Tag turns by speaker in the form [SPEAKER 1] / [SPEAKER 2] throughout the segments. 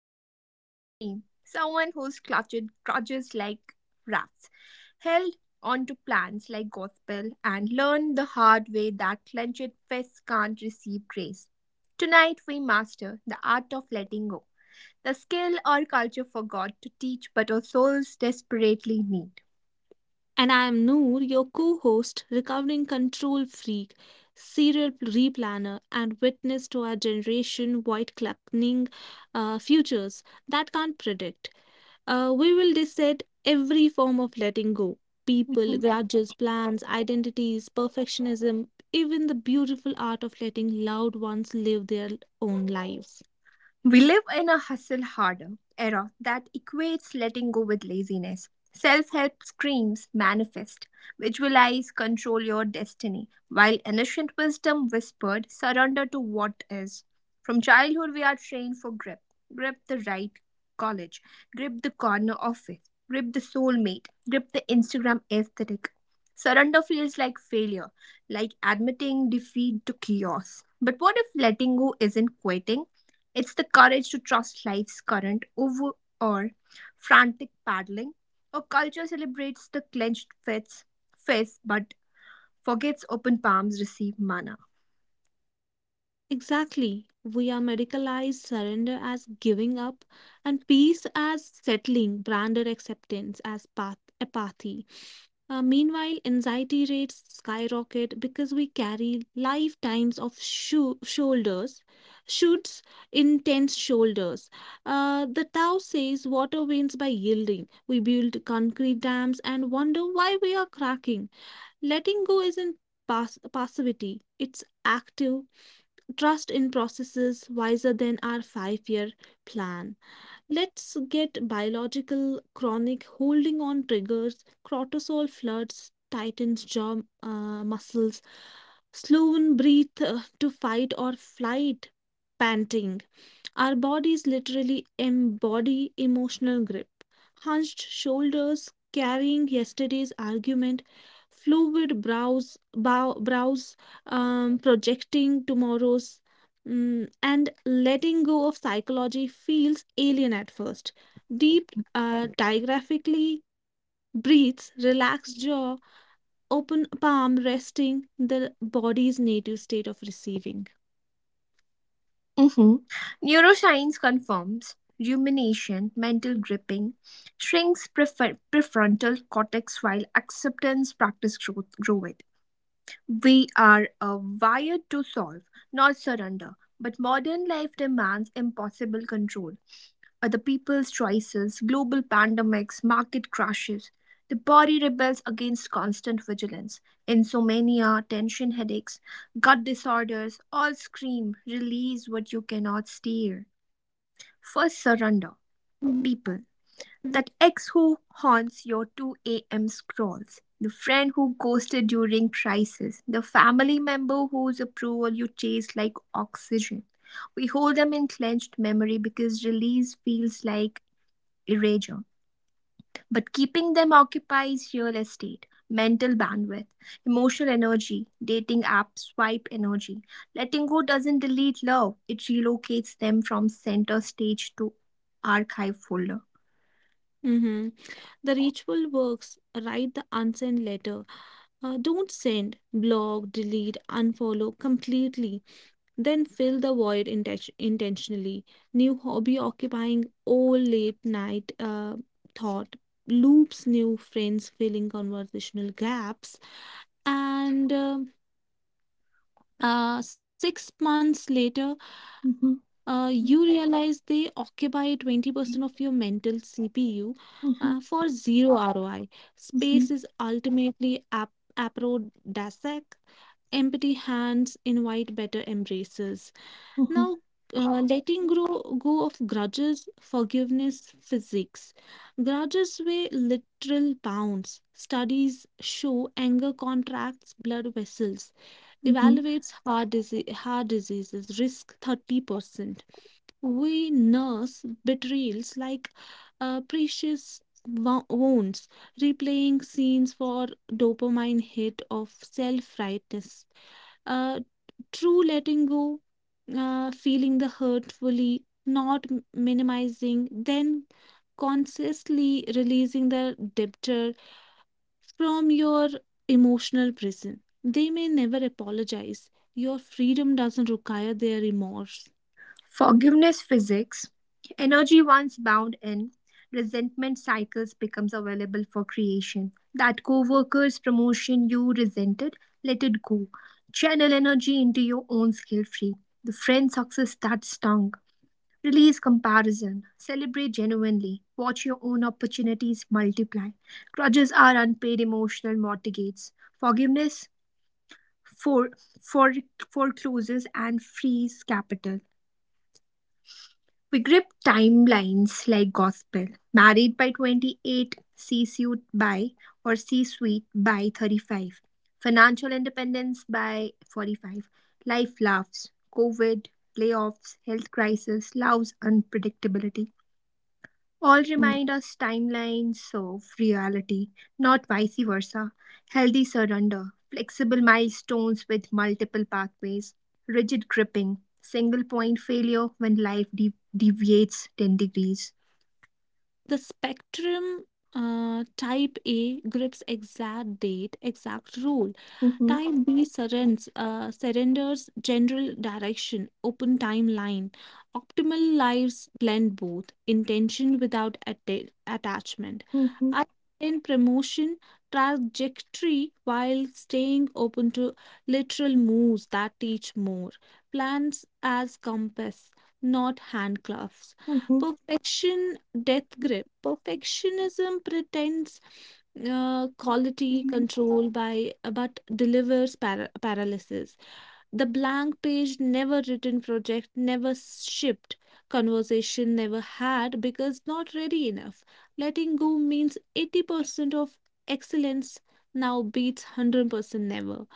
[SPEAKER 1] I'm your host, Reem, someone who's clutched crutches like rats, held onto plans like gospel, and learned the hard way that clenched fists can't receive grace. Tonight, we master the art of letting go, the skill our culture forgot to teach but our souls desperately need.
[SPEAKER 2] And I am Noor, your co host, recovering control freak, serial replanner, and witness to our generation white clucking futures that can't predict. We will dissect every form of letting go people, grudges, plans, identities, perfectionism, even the beautiful art of letting loved ones live their own lives.
[SPEAKER 1] We live in a hustle harder era that equates letting go with laziness. Self help screams manifest, visualize, control your destiny, while ancient wisdom whispered surrender to what is. From childhood, we are trained for grip the right college, grip the corner office, grip the soulmate, grip the Instagram aesthetic. Surrender feels like failure, like admitting defeat to chaos. But what if letting go isn't quitting? It's the courage to trust life's current over or frantic paddling. Our culture celebrates the clenched fists but forgets open palms receive mana.
[SPEAKER 2] Exactly. We are medicalized surrender as giving up and peace as settling, branded acceptance as path apathy. Meanwhile, anxiety rates skyrocket because we carry lifetimes of shoulders, shoots, intense shoulders. The Tao says water wins by yielding. We build concrete dams and wonder why we are cracking. Letting go isn't passivity, it's active trust in processes wiser than our 5-year plan. Let's get biological chronic holding on triggers, cortisol floods, tightens jaw muscles, slow in breathe to fight or flight, panting. Our bodies literally embody emotional grip. Hunched shoulders carrying yesterday's argument, fluid brows, brows projecting tomorrow's, and letting go of psychology feels alien at first. Deep, diagraphically breathes, relaxed jaw, open palm resting the body's native state of receiving.
[SPEAKER 1] Mhm. Neuroscience confirms rumination, mental gripping, shrinks prefrontal cortex while acceptance practice grow it. We are wired to solve, not surrender, but modern life demands impossible control. Are the people's choices, global pandemics, market crashes. The body rebels against constant vigilance. Insomnia, tension headaches, gut disorders all scream, release what you cannot steer. First,
[SPEAKER 2] Mm-hmm.
[SPEAKER 1] surrender. People. That ex who haunts your 2 a.m. scrolls. The friend who ghosted during crisis. The family member whose approval you chase like oxygen. We hold them in clenched memory because release feels like erasure. But keeping them occupies real estate, mental bandwidth, emotional energy, dating app swipe energy. Letting go doesn't delete love, it relocates them from center stage to archive folder.
[SPEAKER 2] Mm-hmm. The ritual works. Write the unsent letter. Don't send, block, delete, unfollow completely. Then fill the void intentionally. New hobby occupying all late night thought loops, new friends filling conversational gaps. And 6 months later,
[SPEAKER 1] Mhm,
[SPEAKER 2] you realize they occupy 20% of your mental CPU
[SPEAKER 1] mhm,
[SPEAKER 2] for zero ROI.
[SPEAKER 1] mhm,
[SPEAKER 2] Space
[SPEAKER 1] mhm,
[SPEAKER 2] is ultimately aphrodisiac. Empty hands invite better embraces.
[SPEAKER 1] mhm,
[SPEAKER 2] Now, go of grudges, forgiveness, physics. Grudges weigh literal pounds. Studies show anger contracts blood vessels,
[SPEAKER 1] mhm.
[SPEAKER 2] evaluates heart diseases, risk 30%. We nurse betrayals like precious wounds, replaying scenes for dopamine hit of self rightness, uh, true letting go, feeling the hurt fully, not minimizing, then consciously releasing the debtor from your emotional prison. They may never apologize. Your freedom doesn't require their remorse.
[SPEAKER 1] Forgiveness physics. Energy once bound in, resentment cycles becomes available for creation. That co-worker's promotion you resented, let it go. Channel energy into your own skill tree. The friend success that stung. Release comparison. Celebrate genuinely. Watch your own opportunities multiply. Grudges are unpaid emotional mortgages. Forgiveness for for forecloses and frees capital. We grip timelines like gospel. Married by 28, C-suite by or C-suite by 35. Financial independence by 45. Life laughs. COVID, layoffs, health crisis, love's unpredictability. All
[SPEAKER 2] Mm.
[SPEAKER 1] remind us timelines of reality, not vice versa. Healthy surrender, flexible milestones with multiple pathways, rigid gripping, single point failure when life deviates 10 degrees.
[SPEAKER 2] The spectrum, type A grips exact date, exact role.
[SPEAKER 1] Mhm,
[SPEAKER 2] Type B surrenders general direction, open timeline. Optimal lives blend both, intention without attachment.
[SPEAKER 1] mhm,
[SPEAKER 2] I in promotion trajectory while staying open to literal moves that teach more. Plans as compass, not handcuffs.
[SPEAKER 1] mhm.
[SPEAKER 2] Perfection death grip. Perfectionism pretends quality control by but delivers paralysis. The blank page, never written project, never shipped, conversation never had because not ready enough. Letting go means 80% of excellence now beats 100% never.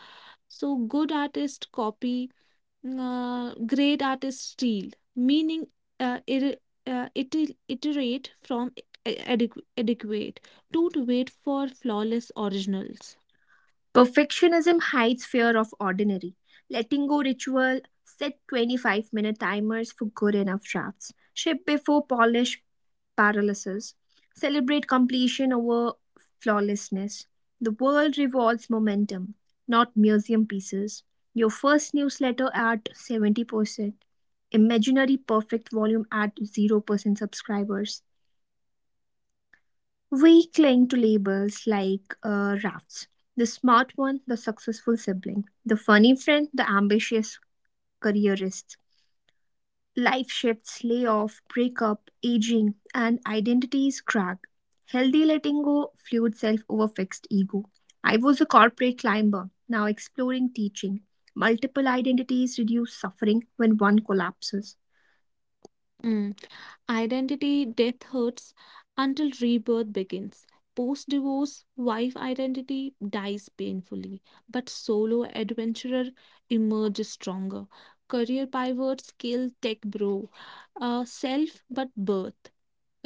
[SPEAKER 2] So good artists copy, great artists steal, meaning uh, ir- iterate from uh, adequate, don't wait for flawless originals.
[SPEAKER 1] Perfectionism hides fear of ordinary. Letting go ritual, set 25-minute timers for good enough drafts. Ship before polish paralysis. Celebrate completion over flawlessness. The world revolves momentum, not museum pieces. Your first newsletter at 70%. Imaginary perfect volume at 0% subscribers. We cling to labels like rafts the smart one, the successful sibling, the funny friend, the ambitious careerist. Life shifts, layoff, breakup, aging, and identities crack. Healthy letting go, fluid self over fixed ego. I was a corporate climber, now exploring teaching. Multiple identities reduce suffering when one collapses.
[SPEAKER 2] Mm. Identity death hurts until rebirth begins. Post divorce, wife identity dies painfully, but solo adventurer emerges stronger. Career pivot, skill, tech bro, self but birth.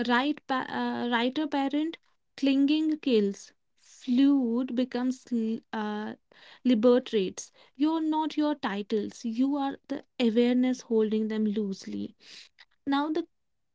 [SPEAKER 2] Right, writer parent, clinging kills. Fluid becomes liberates. You're not your titles, you are the awareness holding them loosely now the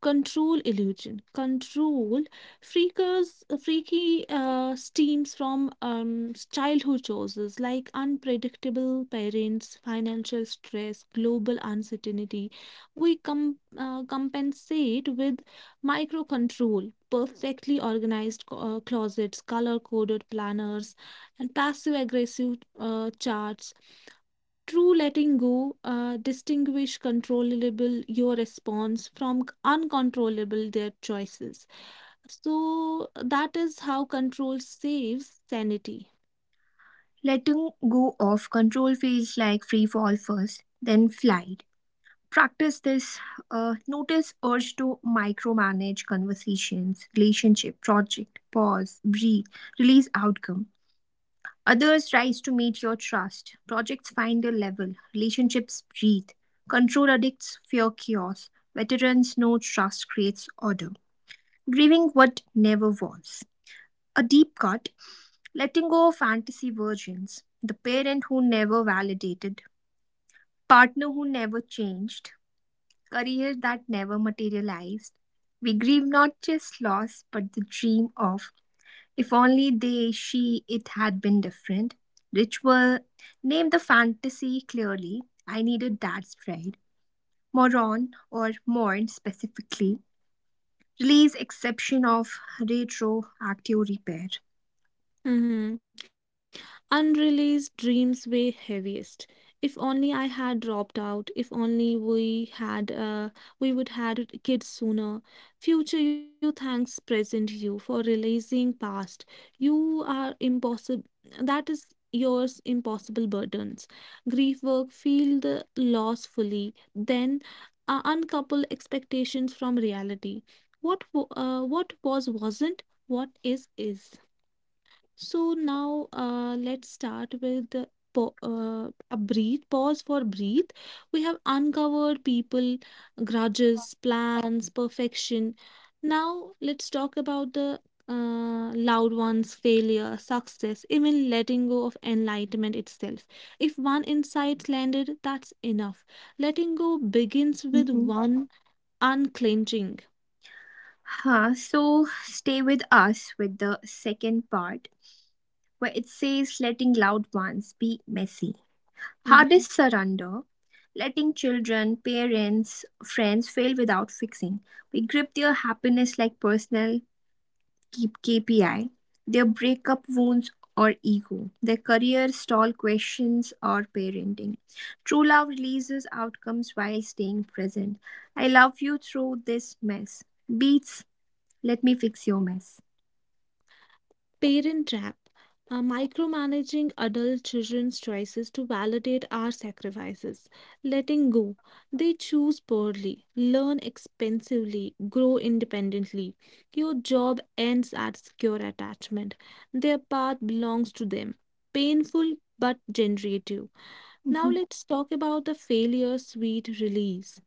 [SPEAKER 2] control illusion. Control freakers freaky steams from childhood choices like unpredictable parents, financial stress, global uncertainty. We compensate with micro control, perfectly organized closets, color coded planners, and passive aggressive charts. True letting go distinguish controllable your response from uncontrollable their choices. So that is how control saves sanity.
[SPEAKER 1] Letting go of control feels like free fall first, then flight. Practice this, notice urge to micromanage conversations relationship project pause breathe release outcome others rise to meet your trust projects find a level relationships breathe control addicts fear chaos veterans know trust creates order grieving what never was a deep cut letting go of fantasy virgins the parent who never validated partner who never changed career that never materialized. We grieve not just loss, but the dream of if only they, she, it had been different. Ritual named the fantasy clearly. I needed that spread. Moron or mourn specifically. Release exception of retroactive repair.
[SPEAKER 2] Mm-hmm. Unreleased dreams weigh heaviest. If only I had dropped out. If only we would had kids sooner. Future you thanks present you for releasing past. You are impossible. That is yours impossible burdens. Grief work. Feel the loss fully. Then uncouple expectations from reality. What was wasn't. What is is. So now let's start with the a breathe pause for breathe. We have uncovered people, grudges, plans, perfection. Now let's talk about the loud ones, failure, success, even letting go of enlightenment itself. If one insight landed, that's enough. Letting go begins with
[SPEAKER 1] Mm-hmm.
[SPEAKER 2] one unclenching.
[SPEAKER 1] Huh, so stay with us with the second part where it says letting loud ones be messy.
[SPEAKER 2] Mhm.
[SPEAKER 1] Hardest surrender, letting children, parents, friends fail without fixing. We grip their happiness like personal keep KPI, their breakup wounds or ego, their career stall questions or parenting. True love releases outcomes while staying present. I love you through this mess. Beats, let me fix your mess.
[SPEAKER 2] Parent trap, micromanaging adult children's choices to validate our sacrifices. Letting go. They choose poorly, learn expensively, grow independently. Your job ends at secure attachment. Their path belongs to them. Painful but generative. Now let's talk about the failure sweet release.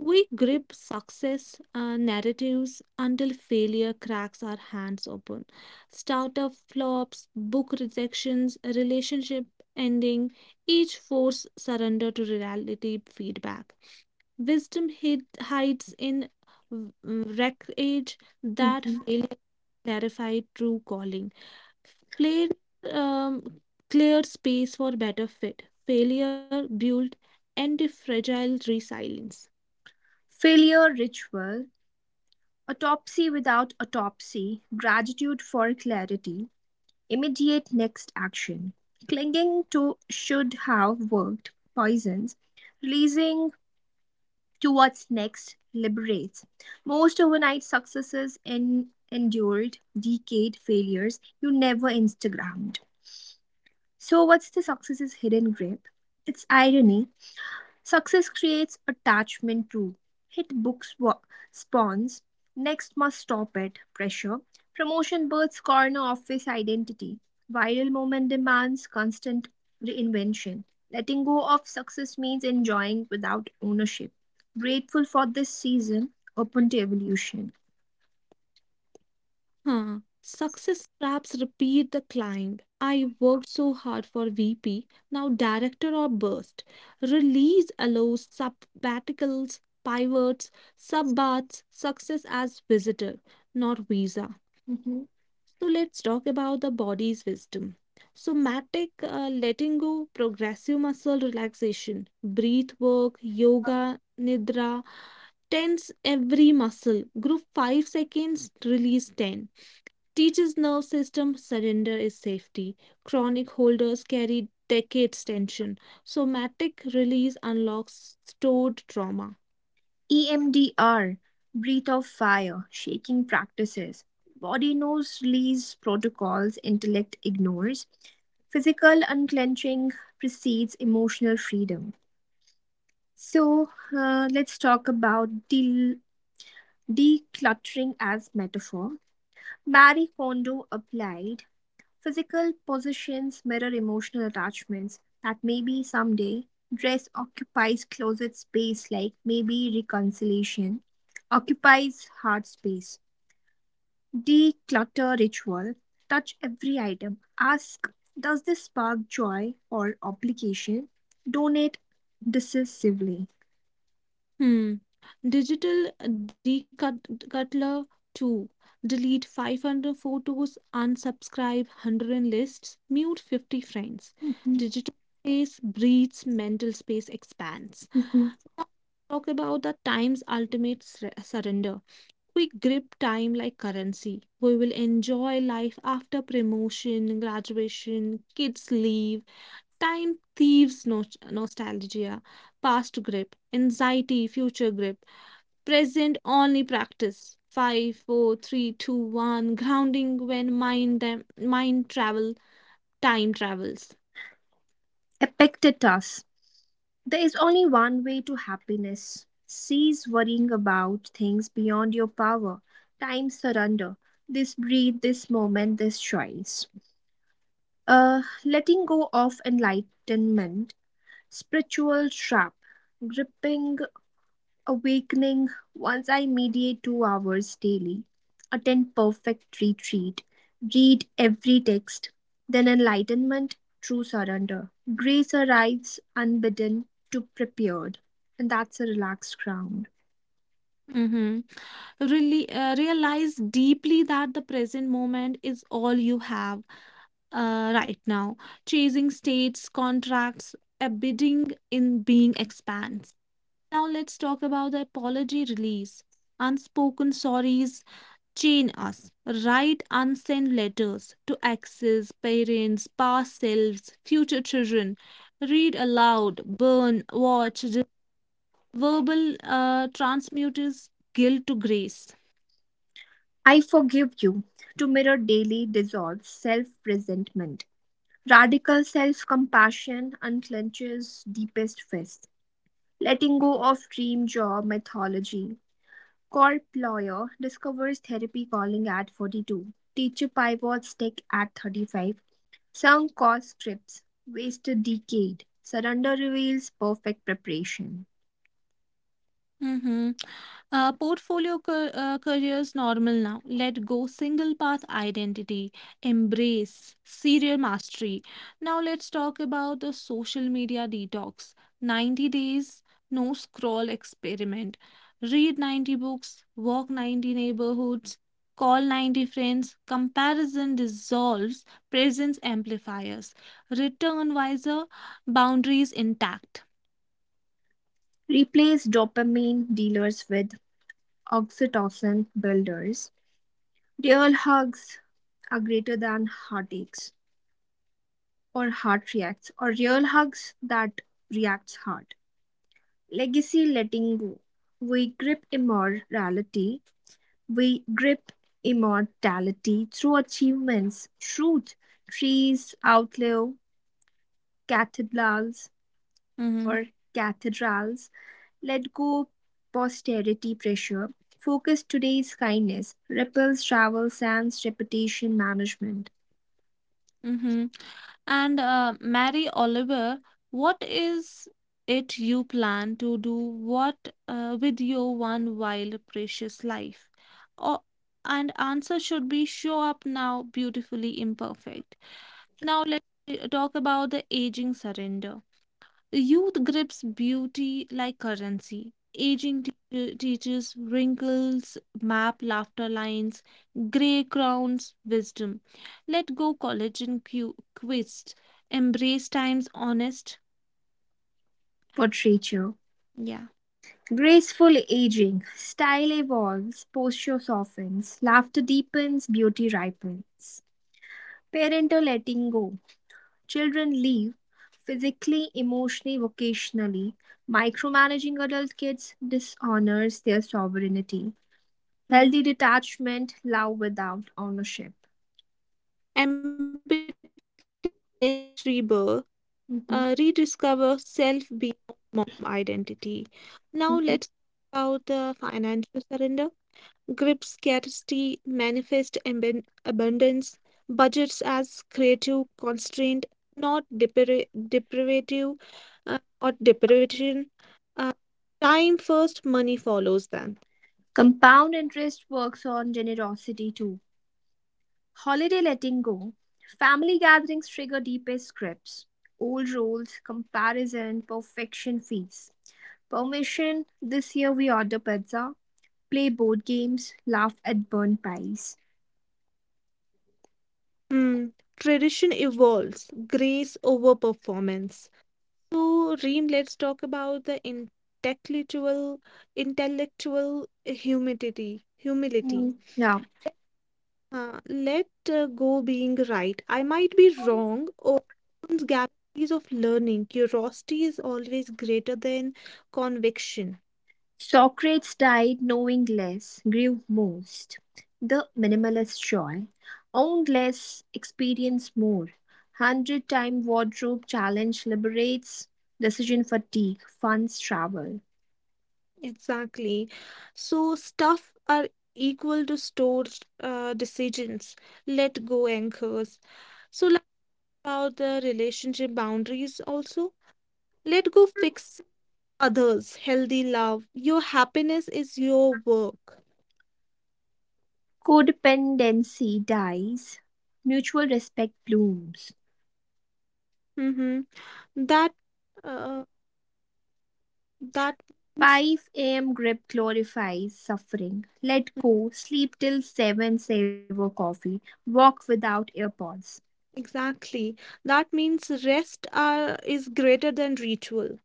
[SPEAKER 2] We grip success narratives until failure cracks our hands open. Startup flops, book rejections, relationship ending, each force surrender to reality feedback. Wisdom hides in wreckage
[SPEAKER 1] Mhm,
[SPEAKER 2] that
[SPEAKER 1] mhm.
[SPEAKER 2] failure clarified true calling. Failure um, cleared space for better fit. Failure built anti-fragile resilience.
[SPEAKER 1] Failure ritual, autopsy without autopsy, gratitude for clarity, immediate next action. Clinging to should have worked poisons. Releasing to what's next liberates. Most overnight successes endured decade failures you never Instagrammed. So, what's the success's hidden grip? It's irony. Success creates attachment too. Hit book spawns, next must stop it, pressure. Promotion births corner office identity. Viral moment demands constant reinvention. Letting go of success means enjoying without ownership. Grateful for this season, open to evolution.
[SPEAKER 2] Huh. Success traps repeat the climb. I worked so hard for VP, now director or burst. Release allows sabbaticals, pivots, subbats, success as visitor, not visa.
[SPEAKER 1] Mhm.
[SPEAKER 2] So let's talk about the body's wisdom. Somatic letting go, progressive muscle relaxation, breath work, yoga, nidra, tense every muscle, group 5 seconds, release 10 teaches nerve system surrender is safety. Chronic holders carry decades tension. Somatic release unlocks stored trauma.
[SPEAKER 1] EMDR, breath of fire, shaking practices, body knows release protocols intellect ignores, physical unclenching precedes emotional freedom. So let's talk about decluttering as metaphor. Marie Kondo applied physical possessions mirror emotional attachments that maybe someday dress occupies closet space like maybe reconciliation occupies heart space. Declutter ritual. Touch every item. Ask, does this spark joy or obligation? Donate decisively.
[SPEAKER 2] Hmm. Digital decutler two. Delete 500 photos, unsubscribe 100 lists, mute 50 friends.
[SPEAKER 1] Mhm,
[SPEAKER 2] Digital space breathes, mental space expands.
[SPEAKER 1] mhm.
[SPEAKER 2] Now, talk about the time's ultimate surrender. We grip time like currency. We will enjoy life after promotion, graduation, kids leave, time thieves nostalgia, past grip, anxiety, future grip, present only practice. Five, four, three, two, one. Grounding when mind travel, time travels.
[SPEAKER 1] Epictetus. There is only one way to happiness. Cease worrying about things beyond your power. Time surrender. This breath, this moment, this choice. Letting go of enlightenment, spiritual trap, gripping awakening once I meditate 2 hours daily, attend perfect retreat, read every text, then enlightenment, true surrender. Grace arrives unbidden to prepared, and that's a relaxed ground.
[SPEAKER 2] Mm-hmm. Really, realize deeply that the present moment is all you have right now. Chasing states, contracts, abiding in being expands. Now let's talk about the apology release. Unspoken sorries chain us. Write unsent letters to exes, parents, past selves, future children. Read aloud, burn, watch, verbal transmutes guilt to grace.
[SPEAKER 1] I forgive you to mirror daily dissolves self resentment. Radical self compassion unclenches deepest fists. Letting go of dream job mythology Corp lawyer discovers therapy calling at 42, teacher pivots tech at 35, sunk cost scripts, wasted decade, surrender reveals perfect preparation.
[SPEAKER 2] Mm-hmm. Portfolio careers normal now. Let go single path identity. Embrace serial mastery. Now let's talk about the social media detox. 90 days no scroll experiment. Read 90 books, walk 90 neighborhoods, call 90 friends. Comparison dissolves, presence amplifiers. Return wiser, boundaries intact.
[SPEAKER 1] Replace dopamine dealers with oxytocin builders. Real hugs are greater than heartaches or heart reacts or real hugs that reacts hard. Legacy letting go. We grip immorality We grip immortality through achievements. Truth, trees outlive cathedrals
[SPEAKER 2] Mm-hmm.
[SPEAKER 1] or cathedrals. Let go posterity pressure. Focus today's kindness. Ripples travel Sands reputation management.
[SPEAKER 2] Mm-hmm. And Mary Oliver, what is it you plan to do? What with your one wild, precious life? Oh, and answer should be show up now, beautifully imperfect. Now let's talk about the aging surrender. Youth grips beauty like currency. Aging teaches wrinkles, map laughter lines, gray crowns, wisdom. Let go collagen quist. Embrace time's honest.
[SPEAKER 1] Portraiture.
[SPEAKER 2] Yeah.
[SPEAKER 1] Graceful aging. Style evolves. Posture softens. Laughter deepens. Beauty ripens. Parental letting go. Children leave physically, emotionally, vocationally. Micromanaging adult kids dishonors their sovereignty. Healthy detachment,
[SPEAKER 2] Mhm.
[SPEAKER 1] love without ownership.
[SPEAKER 2] Empathy nest rebirth.
[SPEAKER 1] Mhm,
[SPEAKER 2] Rediscover self beyond mom identity. Now
[SPEAKER 1] mhm.
[SPEAKER 2] let's talk about the financial surrender. Grip scarcity, manifest abundance, budgets as creative constraint, not deprivative, or deprivation. Uh, time first, money follows then.
[SPEAKER 1] Compound interest works on generosity too. Holiday letting go. Family gatherings trigger deepest scripts. Old rules, comparison, perfection fees. Permission, this year we order pizza, play board games, laugh at burn pies.
[SPEAKER 2] Hmm. Tradition evolves, grace over performance. So, Reem, let's talk about the intellectual, humility.
[SPEAKER 1] Mm. Yeah.
[SPEAKER 2] Let go being right. I might be wrong. Opens galaxies of learning. Curiosity is always greater than conviction.
[SPEAKER 1] Socrates died knowing less, grew most. The minimalist joy. Own less, experience more. Hundred time wardrobe challenge liberates decision fatigue, funds travel.
[SPEAKER 2] Exactly. So, stuff are equal to stored decisions. Let go anchors. So, like about the relationship boundaries also. Let go fix others. Healthy love. Your happiness is your work.
[SPEAKER 1] Codependency dies, mutual respect blooms.
[SPEAKER 2] Mm-hmm. That uh, that means.
[SPEAKER 1] 5 a.m. grip glorifies suffering. Let go, sleep till 7, savor coffee, walk without earpods.
[SPEAKER 2] Exactly. That means is greater than ritual.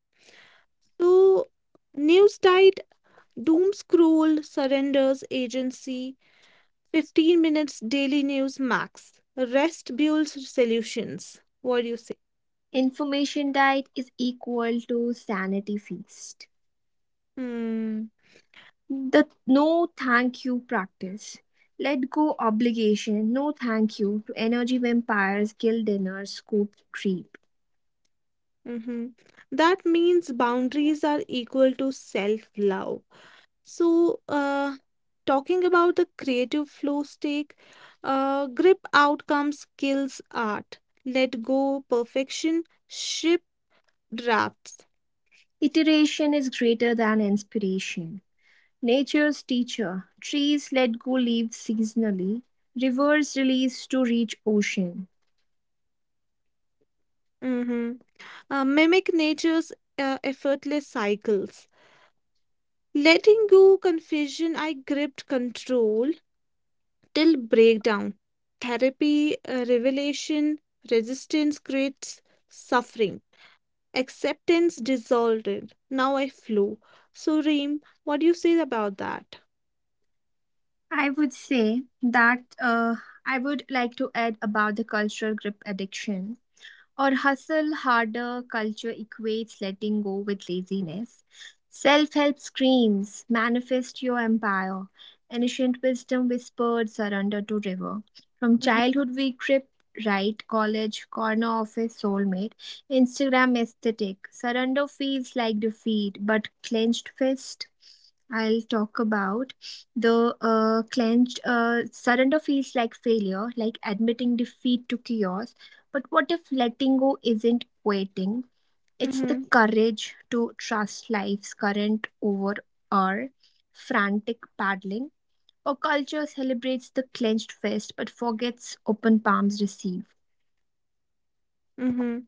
[SPEAKER 2] So, news diet, doom scroll, surrenders, agency, 15 minutes daily news max. Rest builds solutions. What do you say?
[SPEAKER 1] Information diet is equal to sanity feast.
[SPEAKER 2] Hmm.
[SPEAKER 1] The no thank you practice. Let go obligation, no thank you to energy vampires, kill dinner, scoop creep.
[SPEAKER 2] Mm-hmm. That means boundaries are equal to self love. So, talking about the creative flow stake, grip outcomes kills art. Let go perfection, ship drafts.
[SPEAKER 1] Iteration is greater than inspiration. Nature's teacher, trees let go leaves seasonally, rivers release to reach ocean.
[SPEAKER 2] Mhm. Mimic nature's effortless cycles. Letting go confusion, I gripped control till breakdown. Therapy, revelation, resistance creates suffering. Acceptance dissolved. Now I flow. So, Reem, what do you say about that?
[SPEAKER 1] I would say that I would like to add about the cultural grip addiction or hustle harder culture equates letting go with laziness. Self help screams, manifest your empire. Ancient wisdom whispered, surrender to river. From
[SPEAKER 2] Mm-hmm.
[SPEAKER 1] childhood, we grip right, college, corner office, soulmate, Instagram aesthetic. Surrender feels like defeat, but clenched fist. I'll talk about the clenched surrender feels like failure, like admitting defeat to chaos but what if letting go isn't waiting? It's the
[SPEAKER 2] Mm-hmm.
[SPEAKER 1] courage to trust life's current over our frantic paddling. Our culture celebrates the clenched fist but forgets open palms receive.
[SPEAKER 2] Mm-hmm.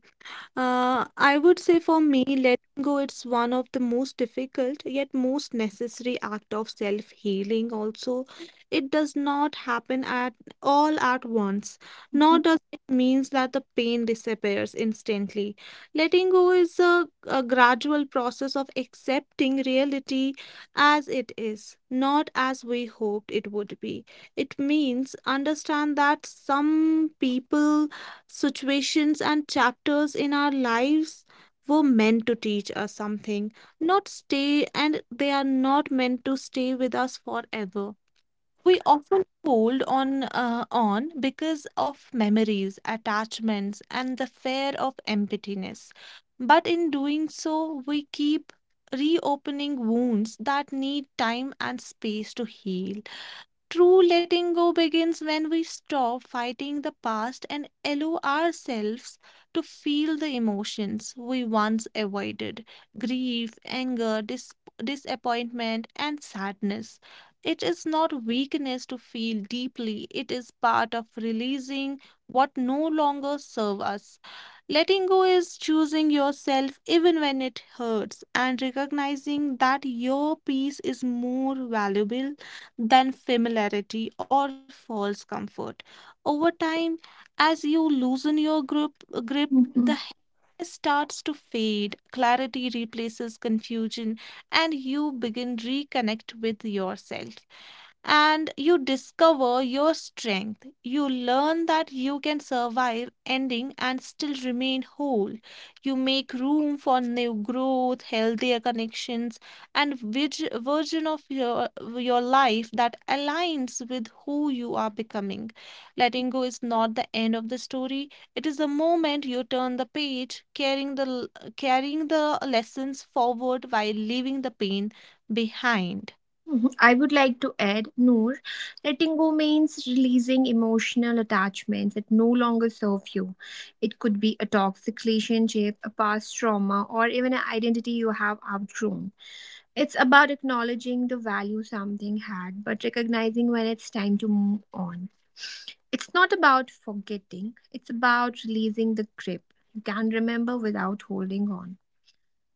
[SPEAKER 2] I would say for me, letting go, it's one of the most difficult yet most necessary act of self-healing. Also, it does not happen at all at once,
[SPEAKER 1] Mhm,
[SPEAKER 2] nor does it means that the pain disappears instantly. Letting go is a gradual process of accepting reality as it is, not as we hoped it would be. It means understand that some people situations and chapters in our lives were meant to teach us something, not stay, and they are not meant to stay with us forever. We often hold on because of memories, attachments, and the fear of emptiness. But in doing so, we keep reopening wounds that need time and space to heal. True letting go begins when we stop fighting the past and allow ourselves to feel the emotions we once avoided grief, anger, disappointment, and sadness. It is not weakness to feel deeply, it is part of releasing what no longer serves us. Letting go is choosing yourself even when it hurts and recognizing that your peace is more valuable than familiarity or false comfort. Over time, as you loosen your grip the
[SPEAKER 1] mhm.
[SPEAKER 2] hair starts to fade, clarity replaces confusion, and you begin reconnect with yourself and you discover your strength. You learn that you can survive ending and still remain whole. You make room for new growth, healthier connections, and version of your life that aligns with who you are becoming. Letting go is not the end of the story. It is the moment you turn the page, carrying the lessons forward while leaving the pain behind.
[SPEAKER 1] Mhm. I would like to add, Noor, letting go means releasing emotional attachments that no longer serve you. It could be a toxic relationship, a past trauma, or even an identity you have outgrown. It's about acknowledging the value something had, but recognizing when it's time to move on. It's not about forgetting, it's about releasing the grip you can remember without holding on.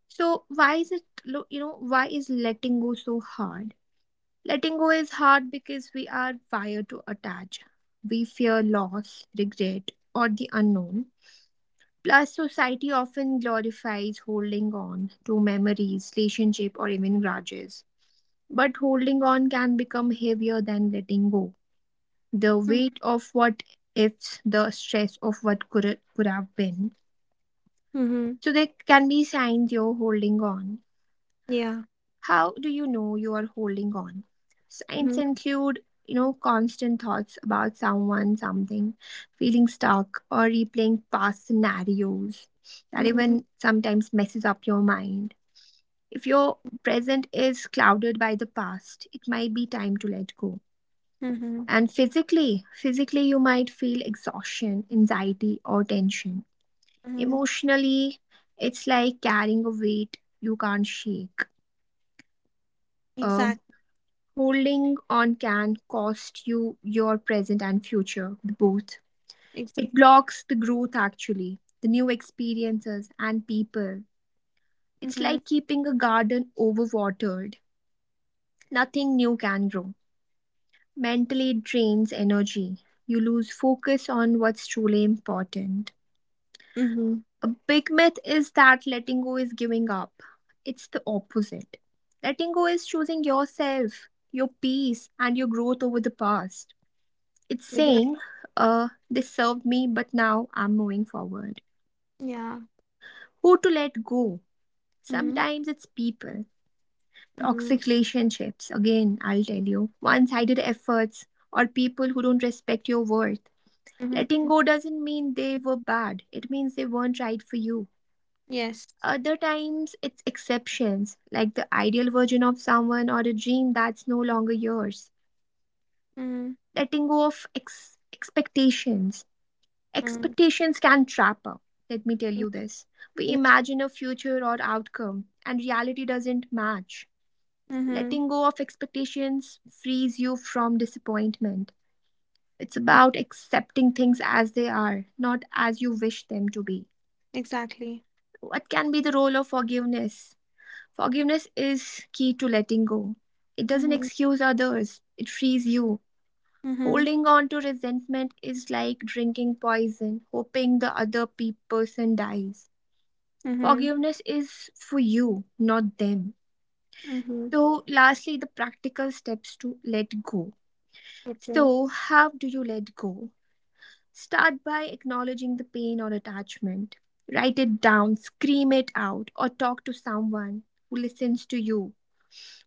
[SPEAKER 1] So, why is you know, why is letting go so hard? Letting go is hard because we are wired to attach. We fear loss, regret, or the unknown. Plus, society often glorifies holding on to memories, relationship, or even grudges. But holding on can become heavier than letting go. The weight of what ifs, the stress of what could have been.
[SPEAKER 2] Mm-hmm.
[SPEAKER 1] So, there can be signs you're holding on.
[SPEAKER 2] Yeah.
[SPEAKER 1] How do you know you are holding on? Signs
[SPEAKER 2] Mhm,
[SPEAKER 1] include, you know, constant thoughts about someone, something, feeling stuck, or replaying past scenarios that
[SPEAKER 2] mhm,
[SPEAKER 1] even sometimes messes up your mind. If your present is clouded by the past, it might be time to let go.
[SPEAKER 2] mhm,
[SPEAKER 1] And physically, you might feel exhaustion, anxiety, or tension.
[SPEAKER 2] mhm.
[SPEAKER 1] Emotionally, it's like carrying a weight you can't shake. Um,
[SPEAKER 2] Exact
[SPEAKER 1] Holding on can cost you your present and future, both.
[SPEAKER 2] exact
[SPEAKER 1] It blocks the growth, actually, the new experiences and people. It's
[SPEAKER 2] Mhm,
[SPEAKER 1] like keeping a garden overwatered. Nothing new can grow. Mentally, it drains energy. You lose focus on what's truly important.
[SPEAKER 2] mhm.
[SPEAKER 1] A big myth is that letting go is giving up. It's the opposite. Letting go is choosing yourself, your peace, and your growth over the past. It's
[SPEAKER 2] Exactly.
[SPEAKER 1] saying, they served me, but now I'm moving forward.
[SPEAKER 2] Yeah.
[SPEAKER 1] Who to let go?
[SPEAKER 2] Mhm,
[SPEAKER 1] Sometimes it's people,
[SPEAKER 2] mhm,
[SPEAKER 1] toxic relationships, again, I'll tell you, one sided efforts, or people who don't respect your worth.
[SPEAKER 2] mhm.
[SPEAKER 1] Letting go doesn't mean they were bad, it means they weren't right for you.
[SPEAKER 2] Yes.
[SPEAKER 1] Other times, it's exceptions, like the ideal version of someone or a dream that's no longer yours.
[SPEAKER 2] Mhm,
[SPEAKER 1] Letting go of expectations.
[SPEAKER 2] mhm,
[SPEAKER 1] Expectations can trap us. Let me tell
[SPEAKER 2] mhm.
[SPEAKER 1] you this. We
[SPEAKER 2] Yeah.
[SPEAKER 1] imagine a future or outcome, and reality doesn't match.
[SPEAKER 2] Mhm.
[SPEAKER 1] Letting go of expectations frees you from disappointment. It's about accepting things as they are, not as you wish them to be.
[SPEAKER 2] Exactly.
[SPEAKER 1] What can be the role of forgiveness? Forgiveness is key to letting go. It doesn't
[SPEAKER 2] Mhm,
[SPEAKER 1] excuse others, it frees you.
[SPEAKER 2] mhm,
[SPEAKER 1] Holding on to resentment is like drinking poison, hoping the other person dies.
[SPEAKER 2] mhm,
[SPEAKER 1] Forgiveness is for you, not them.
[SPEAKER 2] mhm.
[SPEAKER 1] So, lastly, the practical steps to let go.
[SPEAKER 2] Okay.
[SPEAKER 1] So, how do you let go? Start by acknowledging the pain or attachment. Write it down, scream it out, or talk to someone who listens to you,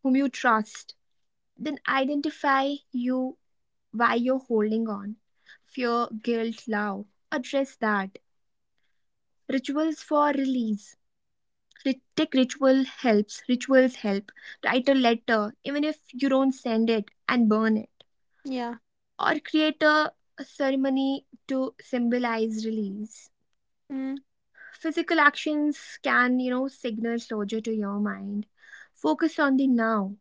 [SPEAKER 1] whom you trust. Then identify you why you're holding on. Fear, guilt, love. Address that. Rituals for release. Tech ritual helps, rituals help. Write a letter, even if you don't send it, and burn it.
[SPEAKER 2] Yeah.
[SPEAKER 1] Or create a ceremony to symbolize release.
[SPEAKER 2] Mhm,
[SPEAKER 1] Physical actions can, you know, signal closure to your mind. Focus on the now.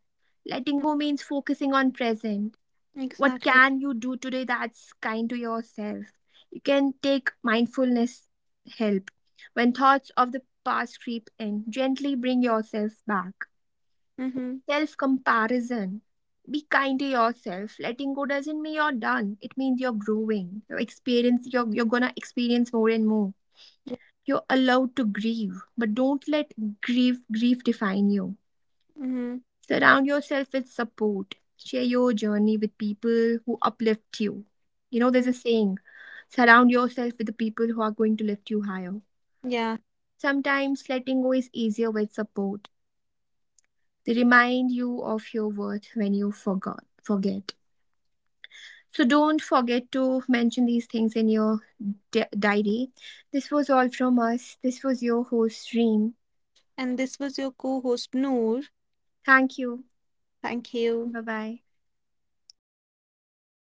[SPEAKER 1] Letting
[SPEAKER 2] mhm.
[SPEAKER 1] go means focusing on present. What
[SPEAKER 2] Exactly.
[SPEAKER 1] can you do today that's kind to yourself? You can take mindfulness help. When thoughts of the past creep in, gently bring yourself back.
[SPEAKER 2] Mhm.
[SPEAKER 1] Self comparison. Be kind to yourself. Letting go doesn't mean you're done. It means you're growing. Your experience, you're gonna experience more and more.
[SPEAKER 2] Yeah.
[SPEAKER 1] You're allowed to grieve, but don't let grief define you.
[SPEAKER 2] Mhm,
[SPEAKER 1] Surround yourself with support. Share your journey with people who uplift you. You know, there's a
[SPEAKER 2] mhm.
[SPEAKER 1] saying, surround yourself with the people who are going to lift you higher.
[SPEAKER 2] Yeah.
[SPEAKER 1] Sometimes letting go is easier with support. They remind you of your worth when you forget. So don't forget to mention these things in your diary. This was all from us. This was your host, Reem.
[SPEAKER 2] And this was your co-host Noor.
[SPEAKER 1] Thank you.
[SPEAKER 2] Thank you.
[SPEAKER 1] Bye bye.